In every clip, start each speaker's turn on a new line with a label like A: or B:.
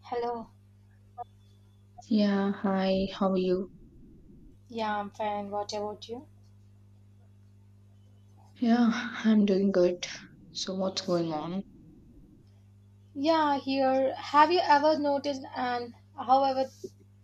A: Hello.
B: Yeah, hi, how are you?
A: Yeah, I'm fine. What about you?
B: Yeah, I'm doing good. So, what's going on?
A: Yeah, here. Have you ever noticed and however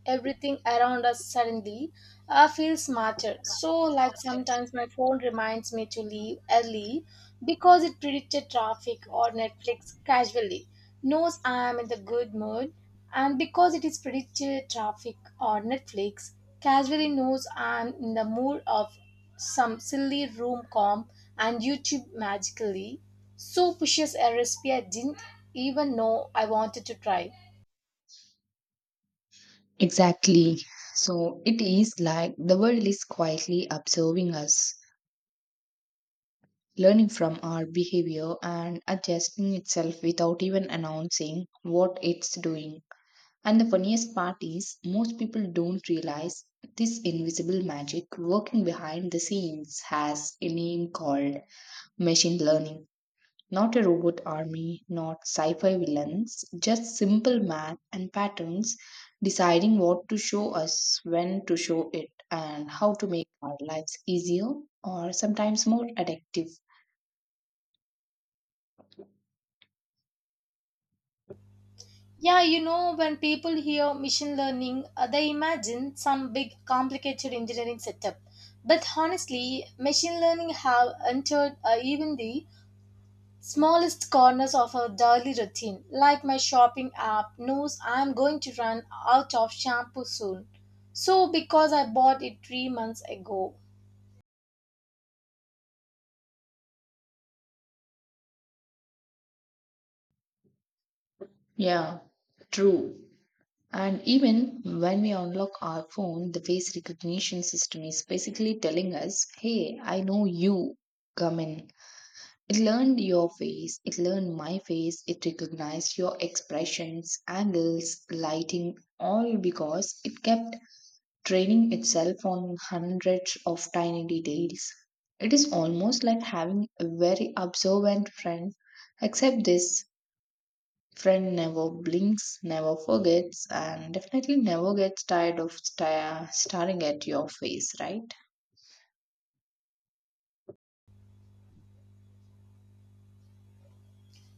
A: everything around us suddenly feels smarter? So, like sometimes my phone reminds me to leave early because it predicted traffic or Netflix casually, knows I am in the good mood, and because it is predicted traffic or Netflix casually knows I'm in the mood of some silly room comp and YouTube magically so pushes a recipe I didn't even know I wanted to try.
B: Exactly. So, it is like the world is quietly observing us, learning from our behavior and adjusting itself without even announcing what it's doing. And the funniest part is, most people don't realize this invisible magic working behind the scenes has a name called machine learning. Not a robot army, not sci fi villains, just simple math and patterns deciding what to show us, when to show it, and how to make our lives easier or sometimes more addictive.
A: Yeah you know when people hear machine learning, they imagine some big complicated engineering setup, but honestly machine learning have entered, even the smallest corners of our daily routine, like my shopping app knows I am going to run out of shampoo soon. So, because I bought it 3 months ago.
B: Yeah, true. And even when we unlock our phone, the face recognition system is basically telling us, hey, I know you, come in. It learned your face, it learned my face, it recognized your expressions, angles, lighting, all because it kept training itself on hundreds of tiny details. It is almost like having a very observant friend, except this friend never blinks, never forgets, and definitely never gets tired of staring at your face, right?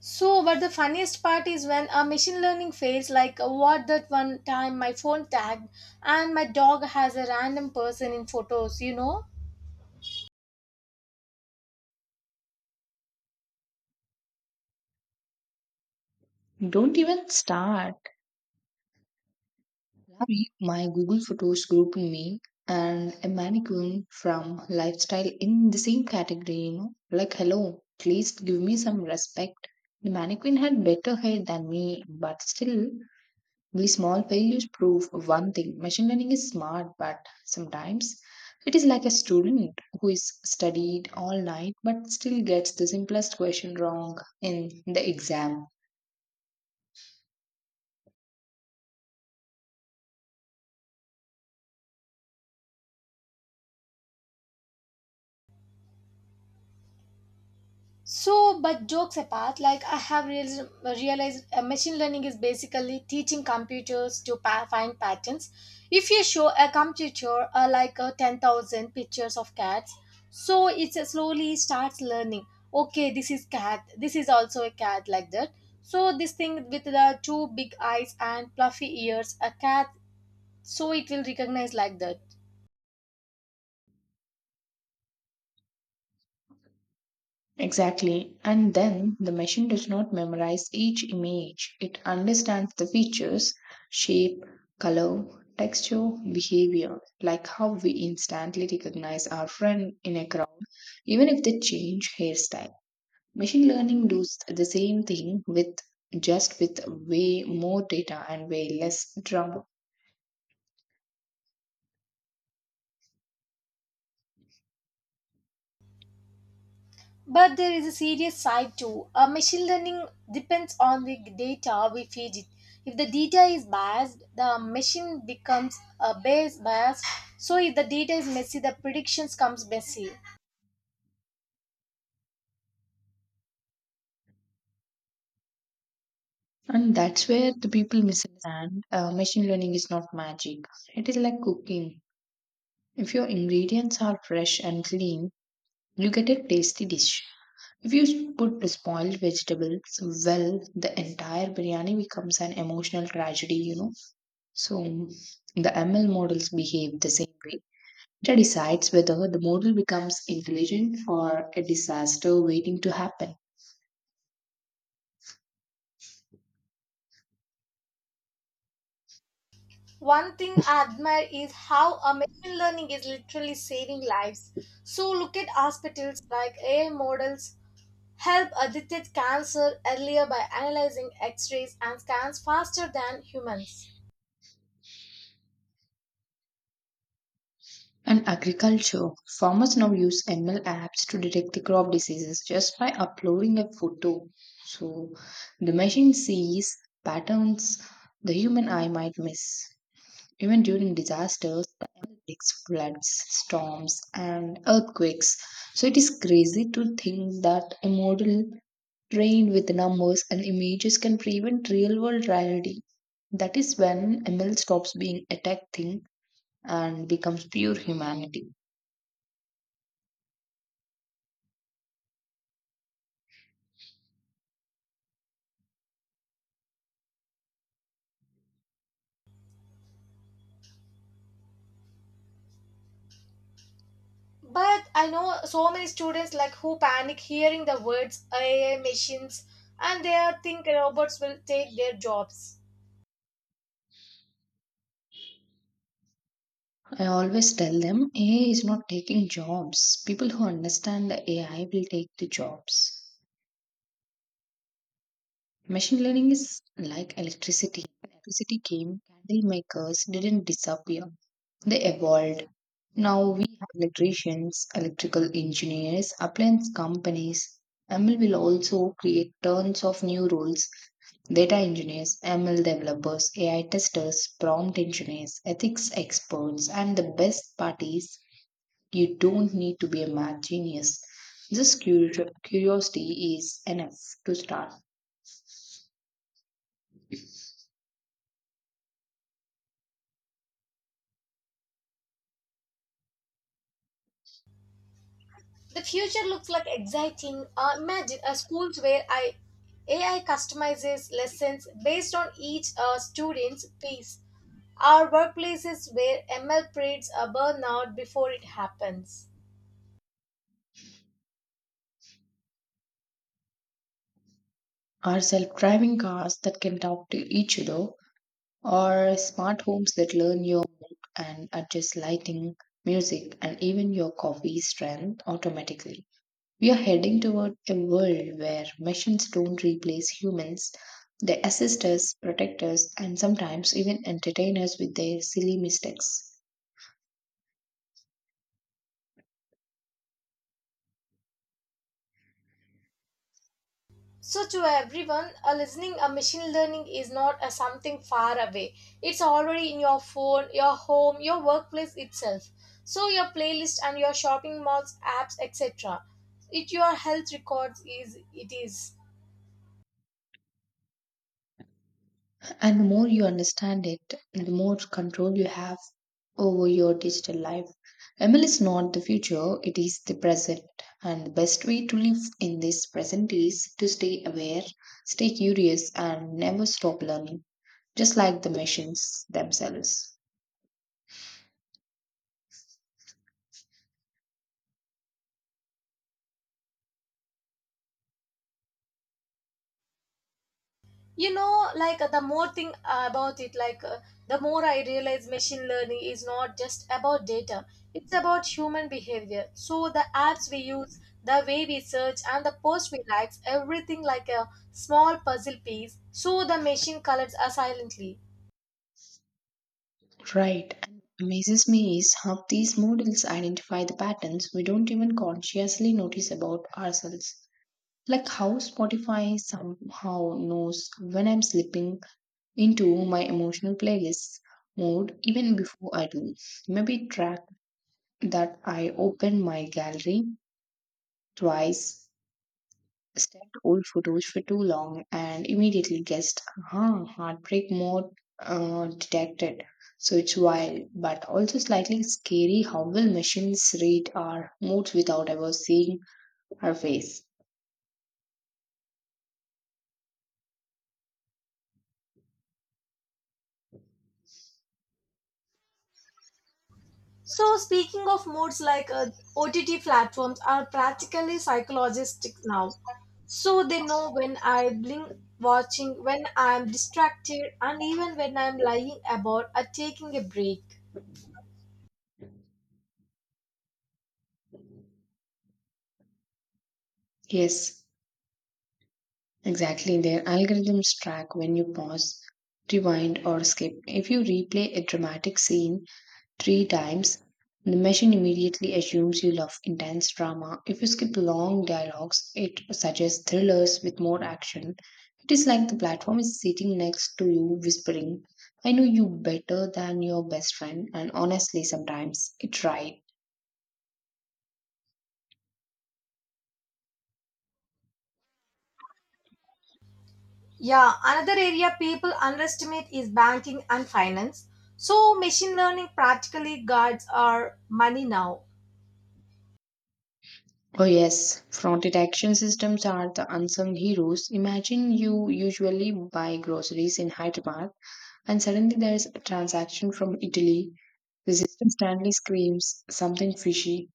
A: So, but the funniest part is when a machine learning fails, like what that one time my phone tagged and my dog has a random person in photos, you know?
B: Don't even start. Ravi, my Google Photos group me and a mannequin from lifestyle in the same category, you know. Like, hello, please give me some respect. The mannequin had better hair than me, but still, these small failures prove one thing: machine learning is smart, but sometimes it is like a student who is studied all night but still gets the simplest question wrong in the exam.
A: So, but jokes apart, like I have realized machine learning is basically teaching computers to find patterns. If you show a computer 10,000 pictures of cats, so it slowly starts learning. Okay, this is cat. This is also a cat like that. So this thing with the two big eyes and fluffy ears, a cat. So it will recognize like that.
B: Exactly. And then the machine does not memorize each image, it understands the features, shape, color, texture, behavior, like how we instantly recognize our friend in a crowd, even if they change hairstyle. Machine learning does the same thing, with just with way more data and way less trouble.
A: But there is a serious side too. Machine learning depends on the data we feed it. If the data is biased, the machine becomes biased. So if the data is messy, the predictions comes messy.
B: And that's where the people misunderstand. Machine learning is not magic. It is like cooking. If your ingredients are fresh and clean, you get a tasty dish. If you put spoiled vegetables, well, the entire biryani becomes an emotional tragedy, you know. So the ML models behave the same way. It decides whether the model becomes intelligent or a disaster waiting to happen.
A: One thing I admire is how a machine learning is literally saving lives. So look at hospitals like AI models help, detect cancer earlier by analyzing X-rays and scans faster than humans.
B: In agriculture, farmers now use ML apps to detect the crop diseases just by uploading a photo. So the machine sees patterns the human eye might miss. Even during disasters, like floods, storms, and earthquakes. So it is crazy to think that a model trained with numbers and images can prevent real world reality. That is when ML stops being a tech thing and becomes pure humanity.
A: But I know so many students like who panic hearing the words AI machines and they think robots will take their jobs.
B: I always tell them AI is not taking jobs. People who understand the AI will take the jobs. Machine learning is like electricity. Electricity came, candle makers didn't disappear. They evolved. Now we have electricians, electrical engineers, appliance companies. ML will also create tons of new roles. Data engineers, ML developers, AI testers, prompt engineers, ethics experts, and the best part is you don't need to be a math genius. Just curiosity is enough to start.
A: The future looks like exciting. Imagine a schools where I AI customizes lessons based on each student's pace. Our workplaces where ML predicts a burnout before it happens.
B: Are self driving cars that can talk to each other, or smart homes that learn your mood and adjust lighting, music, and even your coffee strength automatically. We are heading toward a world where machines don't replace humans. They assist us, protect us, and sometimes even entertain us with their silly mistakes.
A: So to everyone, listening, a machine learning is not a something far away. It's already in your phone, your home, your workplace itself. So your playlist and your shopping malls, apps, etc. It your health records is it is.
B: And the more you understand it, the more control you have over your digital life. ML is not the future, it is the present. And the best way to live in this present is to stay aware, stay curious, and never stop learning, just like the machines themselves.
A: The more thing about it the more I realize machine learning is not just about data, it's about human behavior. So the apps we use, the way we search, and the post we like, everything like a small puzzle piece, so the machine collects us silently.
B: Right. And amazes me is how these models identify the patterns we don't even consciously notice about ourselves. Like how Spotify somehow knows when I'm sleeping into my emotional playlist mode even before I do. Maybe track that I opened my gallery twice, stared old photos for too long, and immediately guessed, huh, heartbreak mode detected. So it's wild, but also slightly scary how will machines read our moods without ever seeing our face.
A: So, speaking of moods, like OTT platforms are practically psychologistic now. So, they know when I blink watching, when I'm distracted, and even when I'm lying about or taking a break.
B: Yes, exactly, their algorithms track when you pause, rewind, or skip. If you replay a dramatic scene three times, the machine immediately assumes you love intense drama. If you skip long dialogues, it suggests thrillers with more action. It is like the platform is sitting next to you, whispering, I know you better than your best friend, and honestly, sometimes it's right.
A: Yeah, another area people underestimate is banking and finance. So, machine learning practically guards our money now.
B: Oh, yes, fraud detection systems are the unsung heroes. Imagine you usually buy groceries in Hyderabad and suddenly there's a transaction from Italy. The system suddenly screams something fishy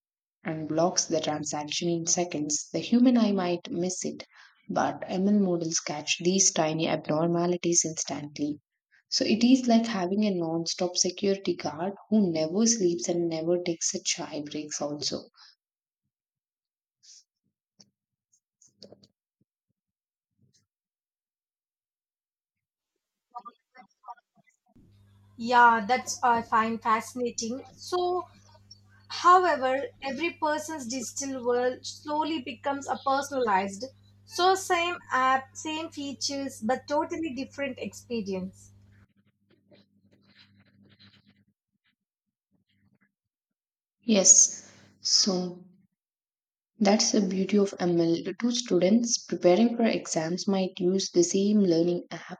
B: and blocks the transaction in seconds. The human eye might miss it, but ML models catch these tiny abnormalities instantly. So it is like having a non stop security guard who never sleeps and never takes a chai breaks, also.
A: Yeah, that's I find fascinating. So, however, every person's digital world slowly becomes a personalized, so same app, same features, but totally different experience.
B: Yes. So that's the beauty of ML. The two students preparing for exams might use the same learning app,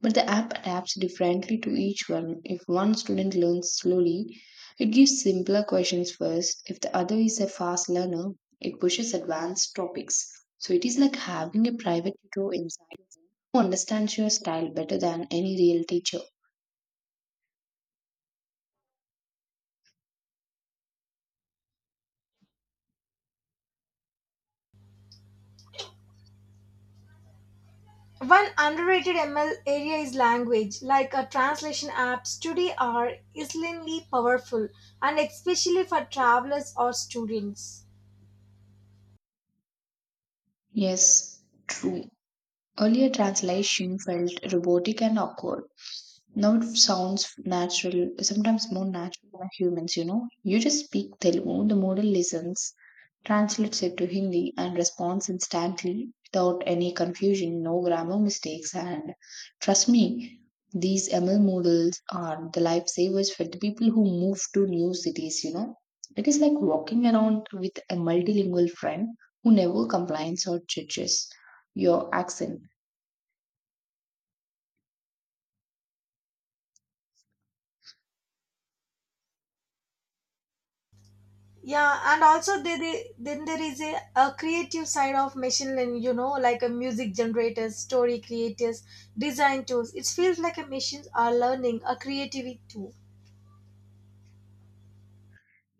B: but the app adapts differently to each one. If one student learns slowly, it gives simpler questions first. If the other is a fast learner, it pushes advanced topics. So it is like having a private tutor inside who understands your style better than any real teacher.
A: One underrated ML area is language, like a translation apps today are extremely powerful, and especially for travelers or students.
B: Yes, true. Earlier translation felt robotic and awkward. Now it sounds natural, sometimes more natural than humans, you know. You just speak Telugu, the model listens, translates it to Hindi, and responds instantly without any confusion, no grammar mistakes. And trust me, these ML models are the lifesavers for the people who move to new cities, you know. It is like walking around with a multilingual friend who never complains or judges your accent.
A: Yeah, and also there then there is a creative side of machine learning, you know, like a music generators, story creators, design tools. It feels like a machines are learning a creativity too.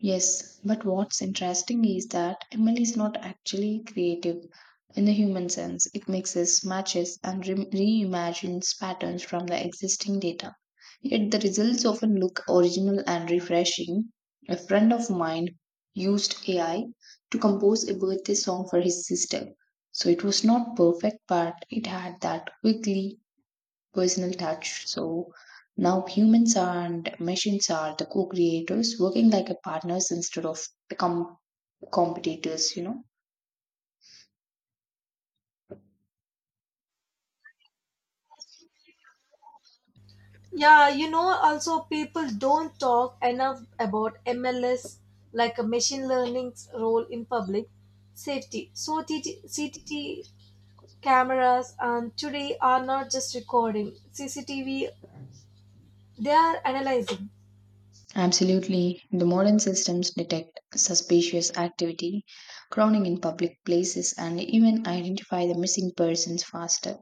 B: Yes, but what's interesting is that ML is not actually creative in the human sense. It mixes, matches, and reimagines patterns from the existing data. Yet the results often look original and refreshing. A friend of mine used AI to compose a birthday song for his sister. So it was not perfect, but it had that quickly personal touch. So now humans and machines are the co-creators working like a partners instead of become competitors, you know.
A: Yeah, you know, also people don't talk enough about MLS, like a machine learning's role in public safety. So TT, CTT cameras and today are not just recording CCTV; they are analyzing.
B: Absolutely. The modern systems detect suspicious activity, crowding in public places, and even identify the missing persons faster.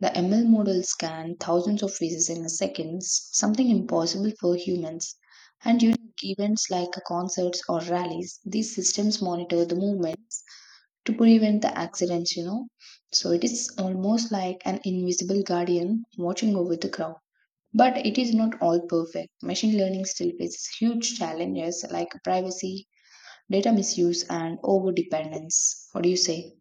B: The ML model scanned thousands of faces in a second, something impossible for humans. And during events like concerts or rallies, these systems monitor the movements to prevent the accidents, you know. So it is almost like an invisible guardian watching over the crowd. But it is not all perfect. Machine learning still faces huge challenges like privacy, data misuse, and over dependence. What do you say?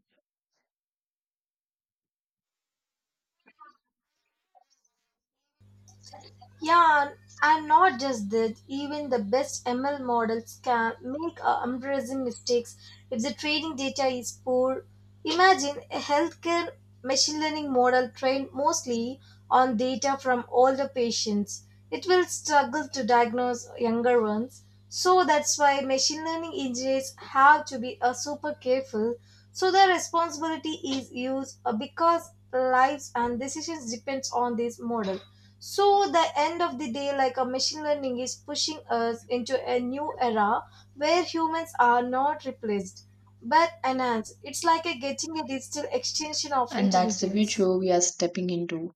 A: Yeah, and not just that, even the best ML models can make embarrassing mistakes if the training data is poor. Imagine a healthcare machine learning model trained mostly on data from older patients. It will struggle to diagnose younger ones. So that's why machine learning engineers have to be super careful. So the responsibility is used because lives and decisions depends on this model. So, the end of the day, like a machine learning is pushing us into a new era where humans are not replaced but enhanced. It's like a getting a digital extension of
B: And that's the
A: intelligence.
B: future we are stepping into,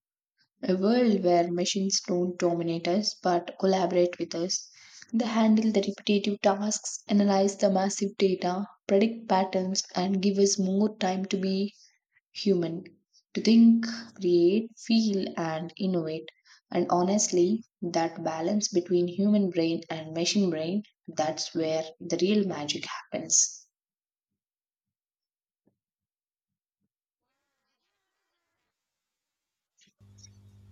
B: a world where machines don't dominate us but collaborate with us. They handle the repetitive tasks, analyze the massive data, predict patterns, and give us more time to be human, to think, create, feel, and innovate. And honestly, that balance between human brain and machine brain, that's where the real magic happens.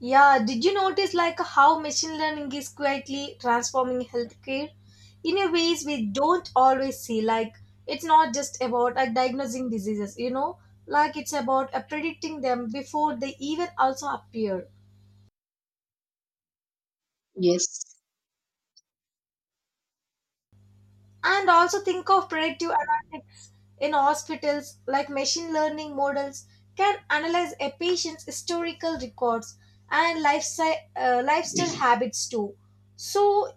A: Yeah, did you notice like how machine learning is quietly transforming healthcare in a ways we don't always see? Like it's not just about like diagnosing diseases, you know, like it's about predicting them before they even also appear.
B: Yes,
A: And also think of predictive analytics in hospitals, like machine learning models can analyze a patient's historical records and lifestyle, lifestyle habits too. So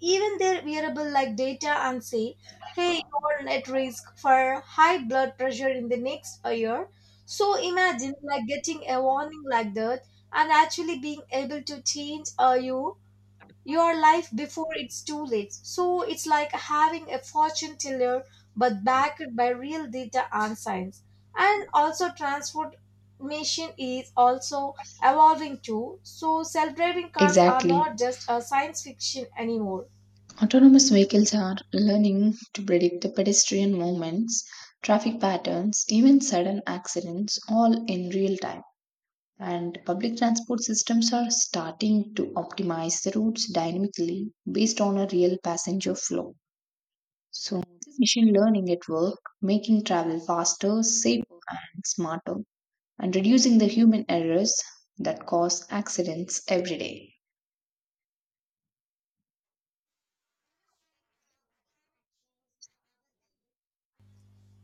A: even their wearable like data and say, hey, you're at risk for high blood pressure in the next year. So imagine like getting a warning like that and actually being able to change your life before it's too late. So it's like having a fortune teller but backed by real data and science. And also transformation is also evolving too. So self-driving cars are not
B: exactly.
A: just a science fiction anymore.
B: Autonomous vehicles are learning to predict the pedestrian movements, traffic patterns, even sudden accidents, all in real time. And public transport systems are starting to optimize the routes dynamically based on a real passenger flow. So this machine learning at work, making travel faster, safer, and smarter, and reducing the human errors that cause accidents every day.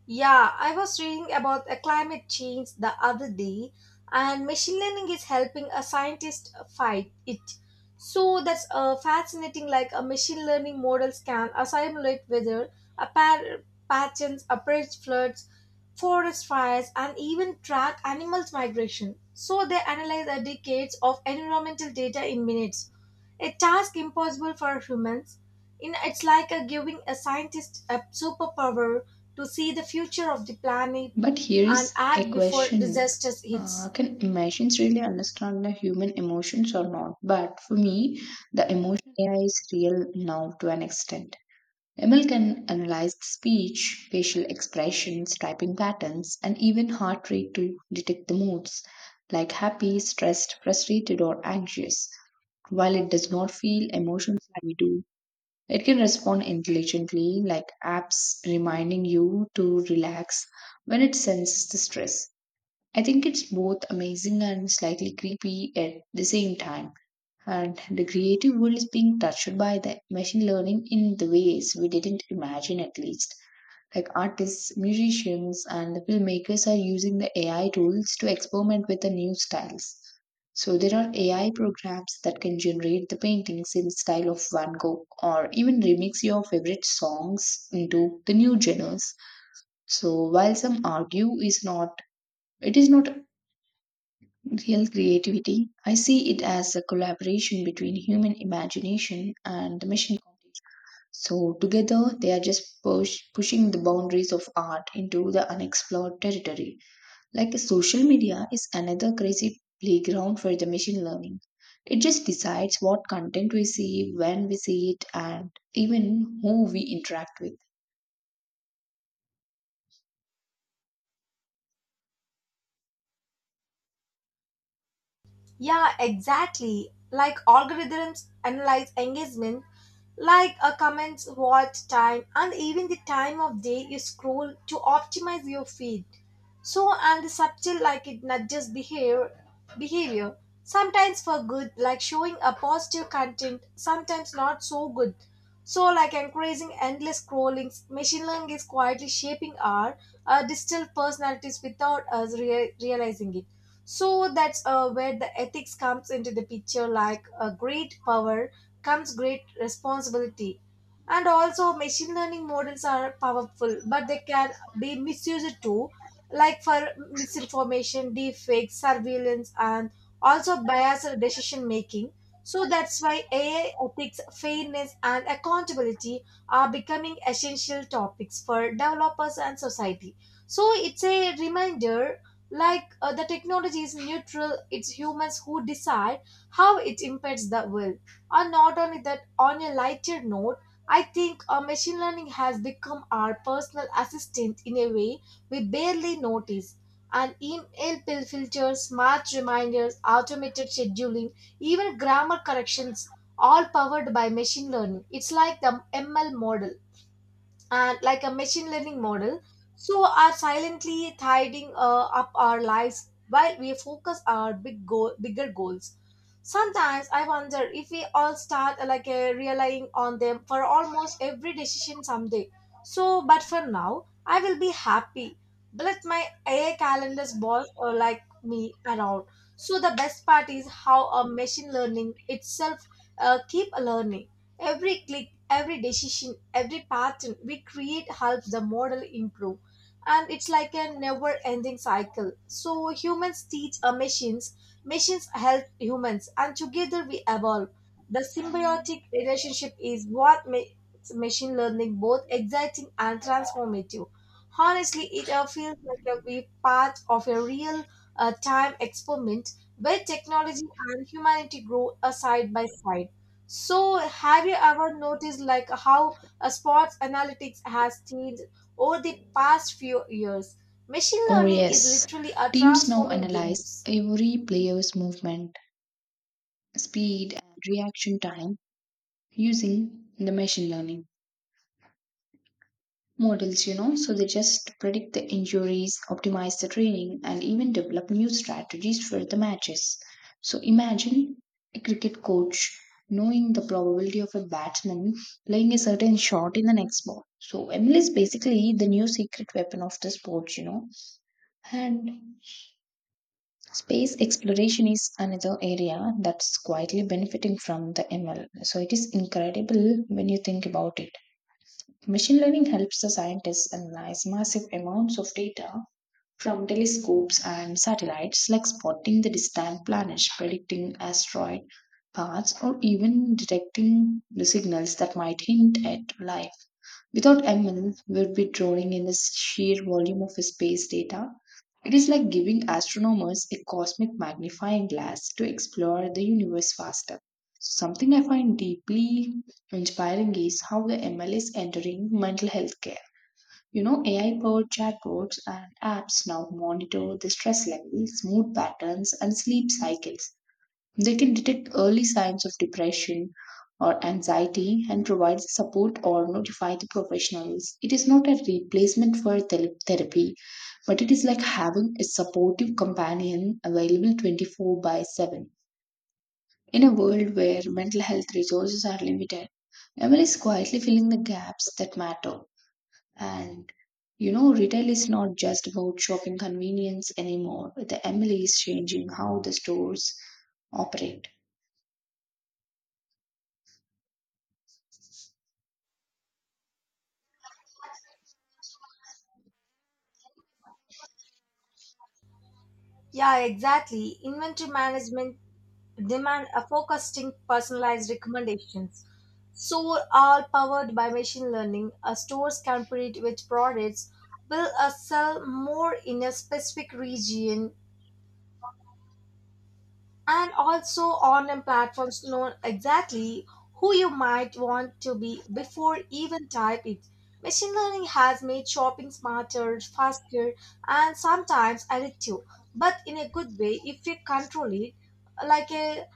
A: Yeah, I was reading about a climate change the other day, and machine learning is helping a scientist fight it. So that's fascinating. Like a machine learning models can simulate weather, a par- patterns, approach floods, forest fires, and even track animals' migration. So they analyze the decades of environmental data in minutes, a task impossible for humans. You know, it's like a giving a scientist a superpower to see the future of the planet
B: But here
A: and
B: is a
A: act before
B: question.
A: disasters hits.
B: Can machines really understand the human emotions or not? But for me, the emotion AI is real now to an extent. Emil can analyze speech, facial expressions, typing patterns, and even heart rate to detect the moods like happy, stressed, frustrated, or anxious. While it does not feel emotions like we do, it can respond intelligently, like apps reminding you to relax when it senses the stress. I think it's both amazing and slightly creepy at the same time, and the creative world is being touched by the machine learning in the ways we didn't imagine at least, like artists, musicians, and the filmmakers are using the AI tools to experiment with the new styles. So there are AI programs that can generate the paintings in style of Van Gogh or even remix your favorite songs into the new genres. So while some argue is not it is not real creativity, I see it as a collaboration between human imagination and the machine computation. So together they are just pushing the boundaries of art into the unexplored territory. Like social media is another crazy playground for the machine learning. It just decides what content we see, when we see it, and even who we interact with.
A: Yeah, exactly. Like algorithms analyze engagement, like a comments, watch time, and even the time of day you scroll to optimize your feed. So and the subtle like it nudges behavior. Sometimes for good, like showing a positive content, sometimes not so good. So like encouraging endless scrollings, machine learning is quietly shaping our, digital personalities without us realizing it. So that's where the ethics comes into the picture like a great power comes great responsibility. And also, machine learning models are powerful, but they can be misused too, like for misinformation, deepfakes, surveillance, and also biased decision making. So that's why AI ethics, fairness, and accountability are becoming essential topics for developers and society. So it's a reminder like the technology is neutral, it's humans who decide how it impacts the world. And not only that, on a lighter note, I think machine learning has become our personal assistant in a way we barely notice. And email pill filters, smart reminders, automated scheduling, even grammar corrections, all powered by machine learning. It's like the ML model and like a machine learning model so are silently tidying up our lives while we focus our big goal bigger goals. Sometimes I wonder if we all start relying on them for almost every decision someday. So but for now I will be happy, let my AI calendars boss or like me around. So the best part is how a machine learning itself keep learning. Every click, every decision, every pattern we create helps the model improve, and it's like a never ending cycle. So humans teach machines, machines help humans, and together we evolve. The symbiotic relationship is what makes machine learning both exciting and transformative. Honestly, it feels like a we part of a real time experiment where technology and humanity grow side by side. So, have you ever noticed like how sports analytics has changed over the past few years? Machine
B: Oh,
A: learning is
B: yes.
A: literally
B: Teams now
A: transforming
B: analyze
A: games.
B: every player's movement, speed, and reaction time using the machine learning models, you know, so they just predict the injuries, optimize the training, and even develop new strategies for the matches. So imagine a cricket coach knowing the probability of a batsman playing a certain shot in the next ball. So ML is basically the new secret weapon of the sport, you know. And space exploration is another area that's quietly benefiting from the ML. So it is incredible when you think about it. Machine learning helps the scientists analyze massive amounts of data from telescopes and satellites, like spotting the distant planets, predicting asteroid paths, or even detecting the signals that might hint at life. Without ML, we'd be drawing in the sheer volume of space data. It is like giving astronomers a cosmic magnifying glass to explore the universe faster. Something I find deeply inspiring is how the ML is entering mental health care. You know, AI powered chatbots and apps now monitor the stress levels, mood patterns, and sleep cycles. They can detect early signs of depression or anxiety and provide support or notify the professionals. It is not a replacement for therapy, but it is like having a supportive companion available 24 by 7. In a world where mental health resources are limited, Emily is quietly filling the gaps that matter. And you know, retail is not just about shopping convenience anymore. The Emily is changing how the stores operate.
A: Yeah, exactly. Inventory management demand a focusing personalized recommendations. So, all powered by machine learning, stores can predict which products will sell more in a specific region, and also online platforms know exactly who you might want to be before even type it. Machine learning has made shopping smarter, faster, and sometimes addictive, but in a good way if we control it, like a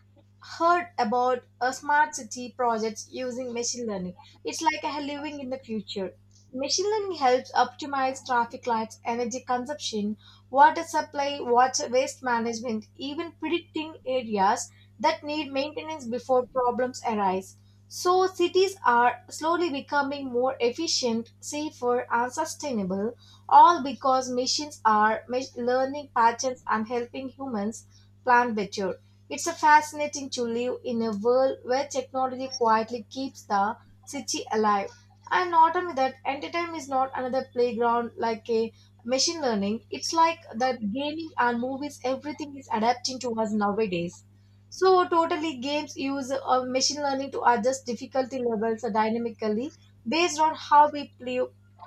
A: heard about a smart city projects using machine learning. It's like a living in the future. Machine learning helps optimize traffic lights, energy consumption, water supply, water waste management, even predicting areas that need maintenance before problems arise. So cities are slowly becoming more efficient, safer, and sustainable, all because machines are learning patterns and helping humans plan better. It's a fascinating to live in a world where technology quietly keeps the city alive. And not only that, entertainment is not another playground like a machine learning. It's like that gaming and movies, everything is adapting to us nowadays. So totally games use machine learning to adjust difficulty levels dynamically based on how we play,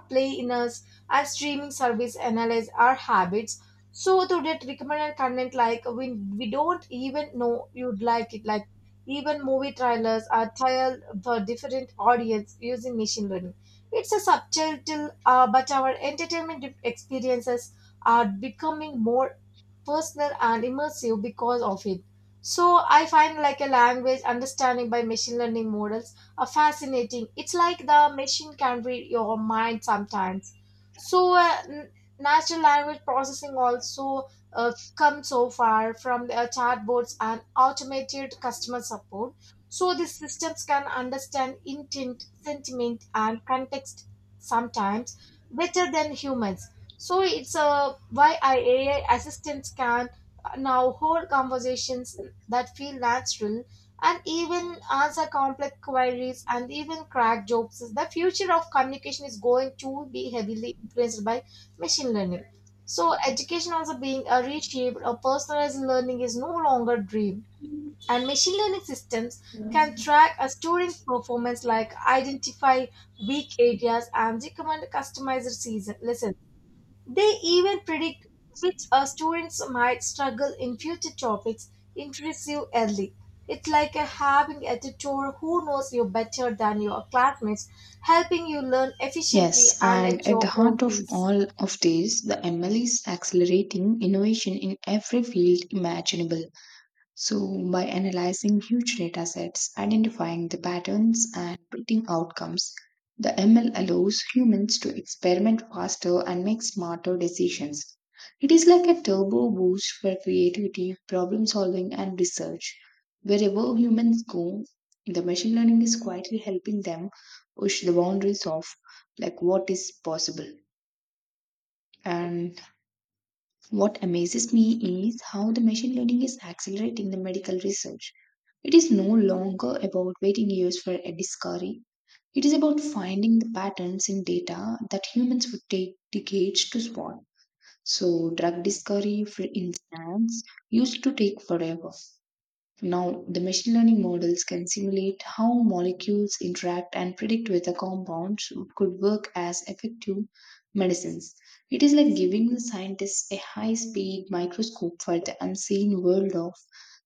A: play in us. Our streaming service analyze our habits so to get recommended content like we don't even know you'd like it. Like even movie trailers are tailored for different audience using machine learning. It's a subtitle, but our entertainment experiences are becoming more personal and immersive because of it. So I find like a language understanding by machine learning models are fascinating. It's like the machine can read your mind sometimes. So natural language processing also come so far from the chatbots and automated customer support. So these systems can understand intent, sentiment, and context, sometimes better than humans. So it's why AI assistants can now hold conversations that feel natural, and even answer complex queries and even crack jokes. The future of communication is going to be heavily influenced by machine learning. So education also being a reshaped or personalized learning is no longer a dream. And machine learning systems can track a student's performance like identify weak areas and recommend customized season lessons. They even predict which students might struggle in future topics interests you early. It's like a having a tutor who knows you better than your classmates, helping you learn efficiently
B: Yes,
A: and
B: and
A: at
B: at the
A: your own
B: heart of
A: pace.
B: all of this, the ML is accelerating innovation in every field imaginable. So, by analyzing huge data sets, identifying the patterns, and predicting outcomes, the ML allows humans to experiment faster and make smarter decisions. It is like a turbo boost for creativity, problem solving, and research. Wherever humans go, the machine learning is quietly helping them push the boundaries of like what is possible. And what amazes me is how the machine learning is accelerating the medical research. It is no longer about waiting years for a discovery. It is about finding the patterns in data that humans would take decades to spot. So, drug discovery, for instance, used to take forever. Now, the machine learning models can simulate how molecules interact and predict whether compounds could work as effective medicines. It is like giving the scientists a high speed microscope for the unseen world of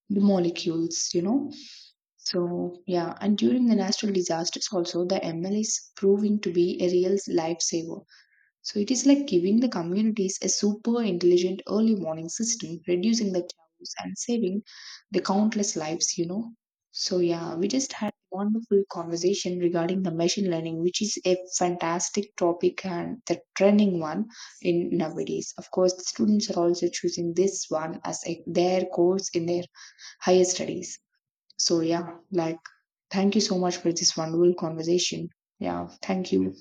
B: the molecules, you know. So, yeah, and during the natural disasters, also the ML is proving to be a real lifesaver. So it is like giving the communities a super intelligent early morning system, reducing the chaos and saving the countless lives, you know. So yeah, we just had a wonderful conversation regarding the machine learning, which is a fantastic topic and the trending one in nowadays. Of course, the students are also choosing this one as a, their course in their higher studies. So yeah, like thank you so much for this wonderful conversation. Yeah, thank you.